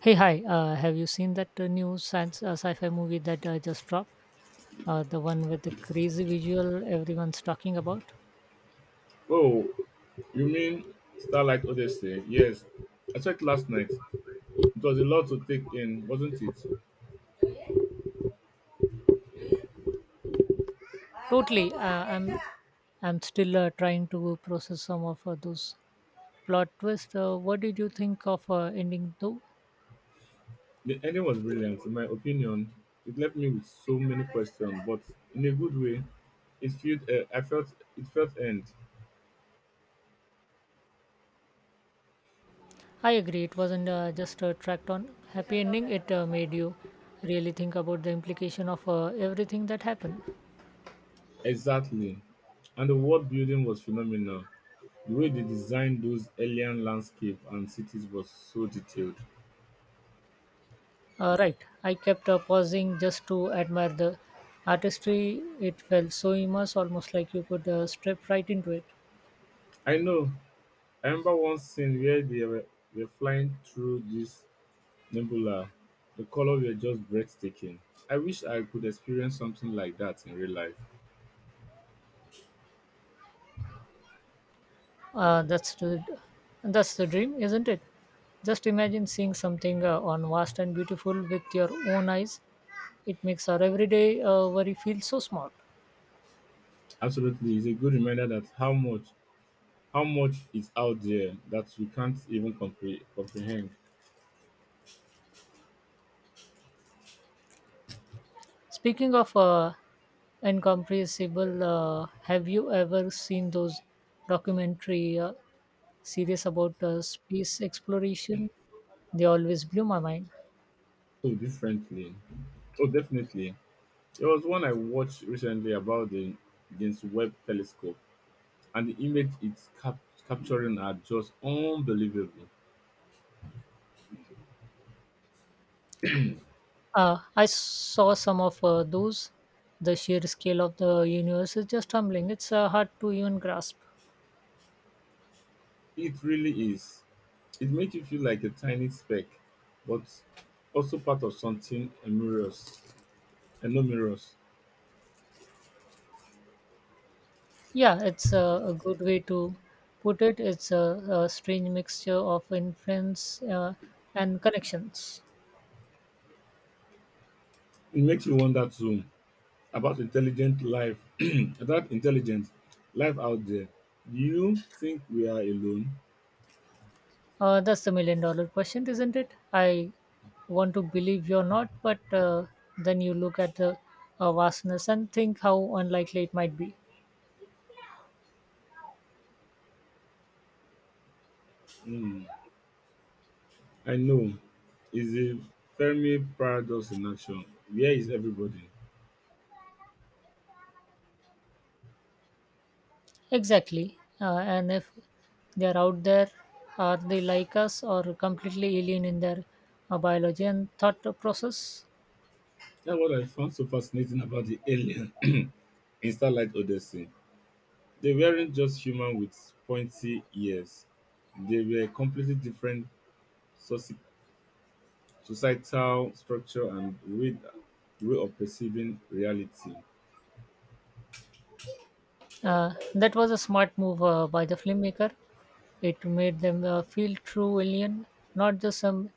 Hey, hi. Have you seen that new science sci-fi movie that just dropped? The one with the crazy visual everyone's talking about. Oh, you mean Starlight Odyssey? Yes, I checked last night. It was a lot to take in, wasn't it? Totally. I'm still trying to process some of those plot twists. What did you think of ending though? The ending was brilliant, in my opinion. It left me with so many questions, but in a good way. It felt I felt it felt end I agree. It wasn't just a tracked on happy ending. It made you really think about the implication of everything that happened. exactly, and the world building was phenomenal. The way they designed those alien landscape and cities was so detailed. Right, I kept pausing just to admire the artistry. It felt so immense, almost like you could step right into it. I know. I remember one scene where they were flying through this Nebula, the color were just breathtaking. I wish I could experience something like that in real life. Uh, that's the that's the dream, isn't it? Just imagine seeing something on vast and beautiful with your own eyes. It makes our everyday worry feel so small. Absolutely, it's a good reminder that how much is out there that we can't even comprehend Speaking of incomprehensible, have you ever seen those documentary series about space exploration? They always blew my mind. so differently. So definitely, there was one I watched recently about the James Webb Telescope, and the image it's capturing are just unbelievable. I saw some of those. The sheer scale of the universe is just humbling. It's hard to even grasp. It really is. It makes you feel like a tiny speck, but also part of something enormous. Enormous! Yeah, it's a good way to put it. It's a strange mixture of influence and connections. It makes you wonder too about intelligent life, about intelligent life out there. Do you think we are alone? That's the million-dollar question, isn't it? I want to believe you're not, but then you look at the vastness and think how unlikely it might be. Hmm, I know. It's a Fermi paradox in action. Where is everybody? Exactly. And if they are out there, are they like us or completely alien in their biology and thought process? That's what I found so fascinating about the alien in Starlight Odyssey. They weren't just human with pointy ears. They were completely different societal structure and way of perceiving reality. That was a smart move by the filmmaker. It made them feel true alien, not just some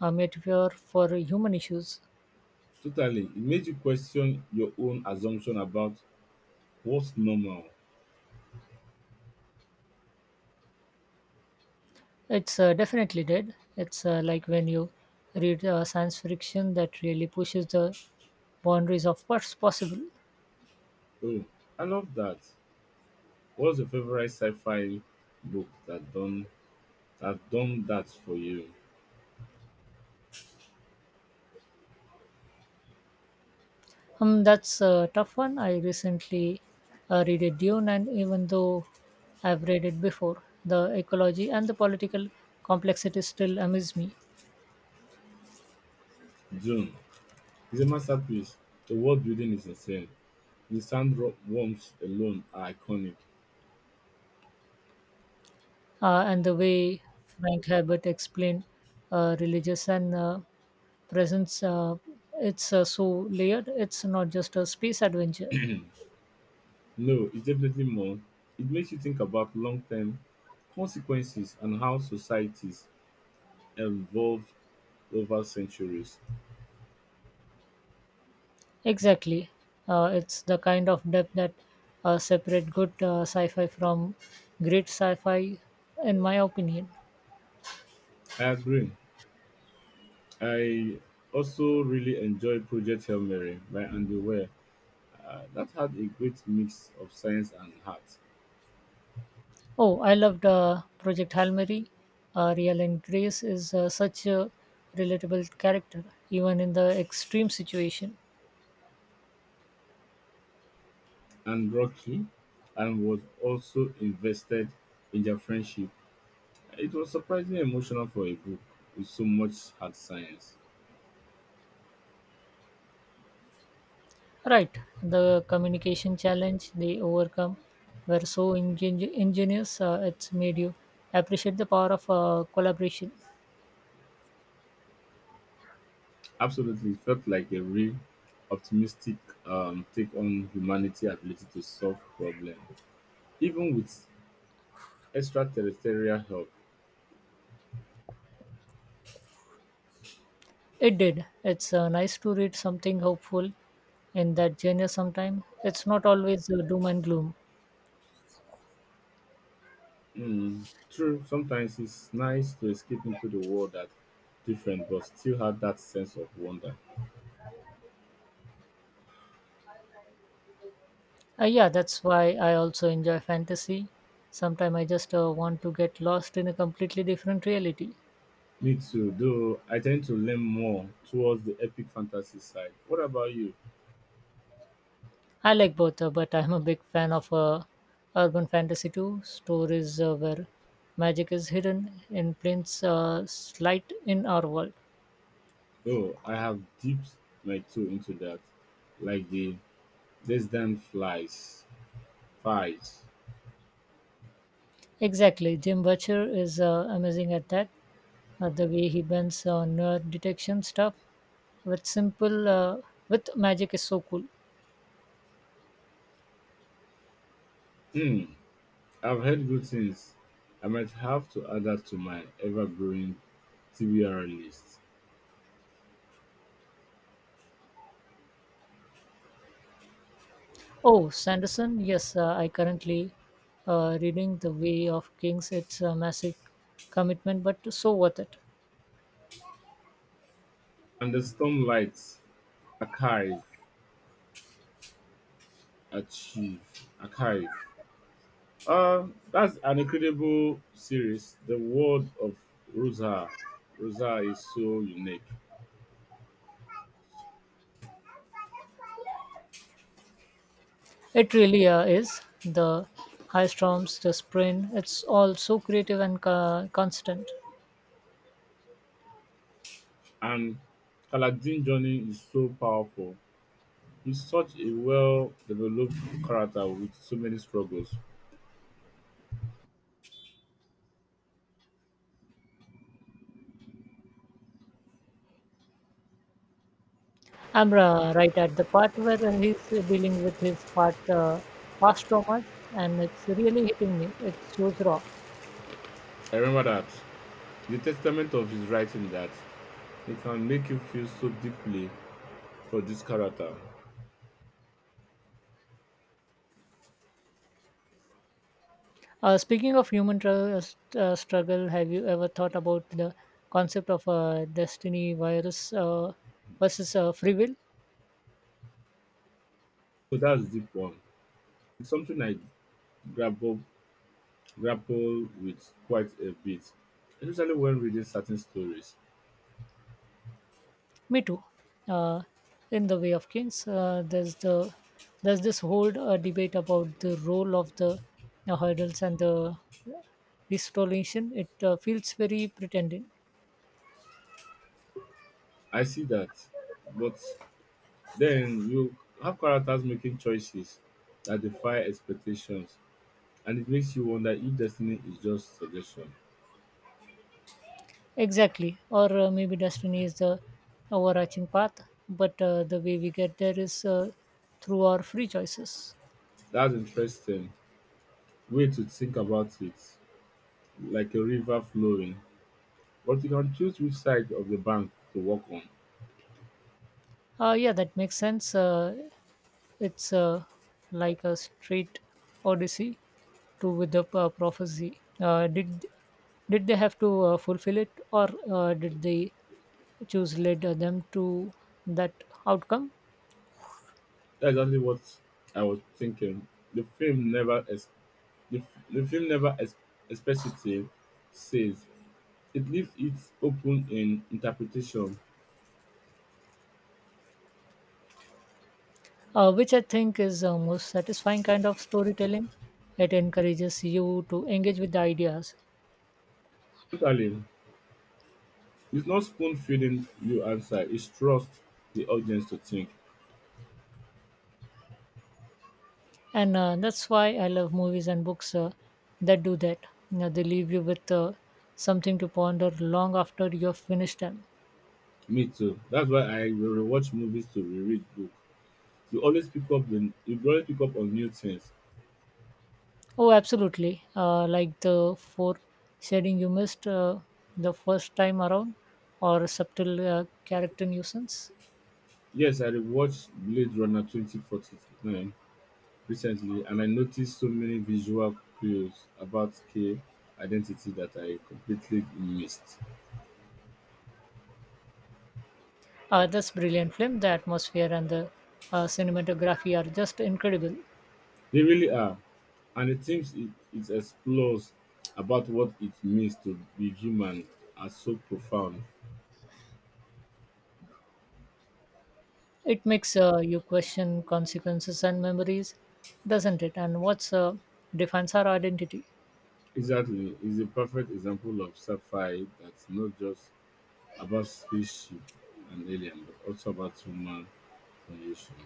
metaphor for human issues. Totally, it made you question your own assumption about what's normal. It's definitely dead. It's like when you read science fiction that really pushes the boundaries of what's possible. Oh, I love that. What's your favorite sci-fi book that done that for you? That's a tough one. I recently read a Dune, and even though I've read it before, the ecology and the political complexity still amaze me. June is a masterpiece. The world building is insane. The sandworms alone are iconic. And the way Frank Herbert explained religious and presence, it's so layered. It's not just a space adventure. No, it's definitely more. It makes you think about long-term consequences and how societies evolve over centuries. Exactly. It's the kind of depth that separate good sci-fi from great sci-fi, in my opinion. I agree. I also really enjoy Project Hail Mary by Andy Weir. That had a great mix of science and heart, Oh, I loved Project Hail Mary. Real and Grace is such a relatable character, even in the extreme situation. and rocky, and was also invested in their friendship. It was surprisingly emotional for a book with so much hard science. Right, the communication challenge they overcome were so ingenious. It's made you appreciate the power of collaboration. Absolutely, it felt like a real optimistic take on humanity' ability to solve problems, even with extraterrestrial help. It did. It's nice to read something hopeful in that genre. Sometime it's not always doom and gloom. True. Sometimes it's nice to escape into the world that's different, but still have that sense of wonder. Yeah, that's why I also enjoy fantasy. Sometimes I just want to get lost in a completely different reality. Me too, though I tend to lean more towards the epic fantasy side. What about you? I like both, but I'm a big fan of urban fantasy too. Stories where magic is hidden in plain sight in our world. Though I have dipped my toe into that, like the Less Than Flies fights. Exactly. Jim Butcher is amazing at that. The way he bends on detection stuff with simple uh, with magic is so cool. Hmm. I've heard good things. I might have to add that to my ever growing TBR list. Oh, Sanderson, yes, I currently reading The Way of Kings. It's a massive commitment, but so worth it. And the Stormlight Archive. Achieve Archive. That's an incredible series. The world of Rosa, Rosa is so unique, It really is. The high storms, the sprint, it's all so creative and constant. and Kaladin Johnny is so powerful. He's such a well-developed character with so many struggles. I'm right at the part where he's dealing with his past traumas, and it's really hitting me. It's shows raw. I remember that the testament of his writing that it can make you feel so deeply for this character. Speaking of human struggle, have you ever thought about the concept of destiny virus versus free will? So that's deep one. It's something I grab up grapple with quite a bit, especially when reading certain stories. Me too. Uh, in the Way of Kings, there's this whole debate about the role of the hurdles and the distolation. It feels very pretending. I see that, but then you have characters making choices that defy expectations, and it makes you wonder if destiny is just suggestion. Exactly. Or maybe destiny is the overarching path, but the way we get there is through our free choices. That's interesting way to think about it, like a river flowing, but you can choose which side of the bank to walk on. Yeah, that makes sense. It's Like a straight odyssey to with the prophecy. Did they have to fulfill it, or did they choose led them to that outcome? That's exactly what I was thinking. The film never, ex- the film never explicitly says. It leaves it open in interpretation. Which I think is most satisfying kind of storytelling. It encourages you to engage with the ideas, Mentally, it's not spoon feeding you answer, it's trust the audience to think. and that's why I love movies and books that do that. You know, they leave you with something to ponder long after you've finished them. Me too. That's why I will rewatch movies to reread book. You always pick up on new things. Oh, absolutely. Like the four shading you missed the first time around, or subtle character nuisance. Yes, I rewatched Blade Runner 2049 recently and I noticed so many visual clues about K identity that I completely missed. That's brilliant film. The atmosphere and the cinematography are just incredible. They really are. And the themes it explores about what it means to be human are so profound. It makes you question consequences and memories, doesn't it? And what's defines our identity? Exactly, is a perfect example of sci-fi that's not just about spaceship and alien, but also about human condition.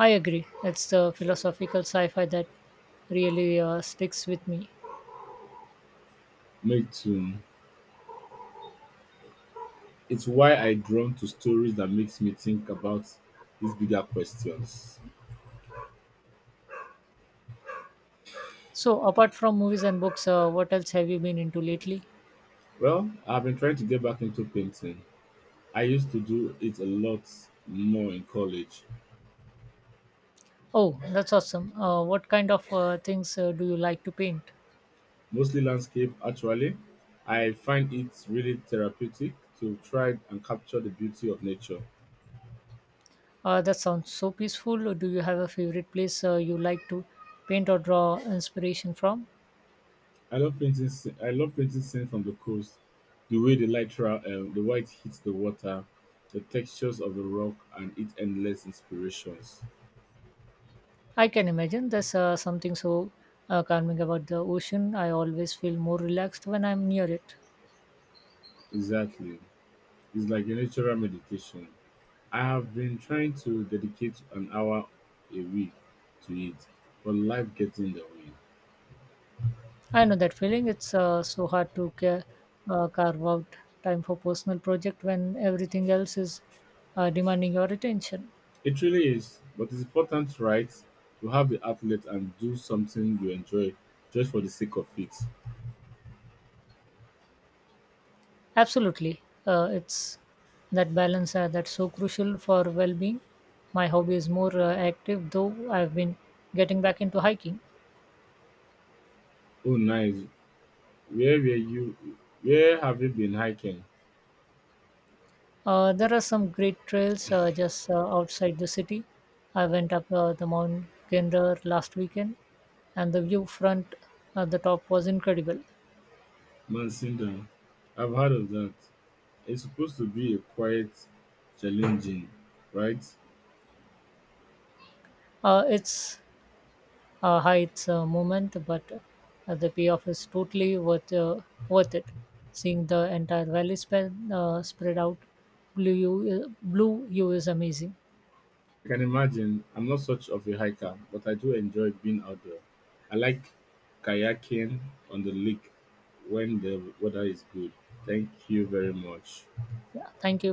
I agree. It's the philosophical sci-fi that really sticks with me. Make too. It's why I drawn to stories that makes me think about these bigger questions. So, apart from movies and books, what else have you been into lately? Well, I've been trying to get back into painting. I used to do it a lot more in college, Oh, that's awesome. What kind of things do you like to paint? mostly landscape actually. I find it really therapeutic to try and capture the beauty of nature. That sounds so peaceful. Do you have a favorite place you like to paint or draw inspiration from? I love painting scenes from the coast, the way the light, the white hits the water, the textures of the rock, and its endless inspirations. I can imagine there's something so calming about the ocean. I always feel more relaxed when I'm near it. Exactly, it's like a natural meditation. I have been trying to dedicate an hour a week to it, but life gets in the way. I know that feeling. It's so hard to carve out time for personal project when everything else is demanding your attention. It really is, but it's important, right? To have the outlet and do something you enjoy just for the sake of it. Absolutely. It's that balance that's so crucial for well being. My hobby is more active, though I've been getting back into hiking. Oh, nice. Where were you? Where have you been hiking? There are some great trails just outside the city. I went up the Mount Kender last weekend, and the view front at the top was incredible. Mansinda. I've heard of that. It's supposed to be a quiet, challenging, right? It's Heights moment, but the payoff is totally worth it. Seeing the entire valley spread out, blue you is amazing. I can imagine. I'm not such of a hiker, but I do enjoy being out there. I like kayaking on the lake when the weather is good. Thank you very much. Yeah, thank you.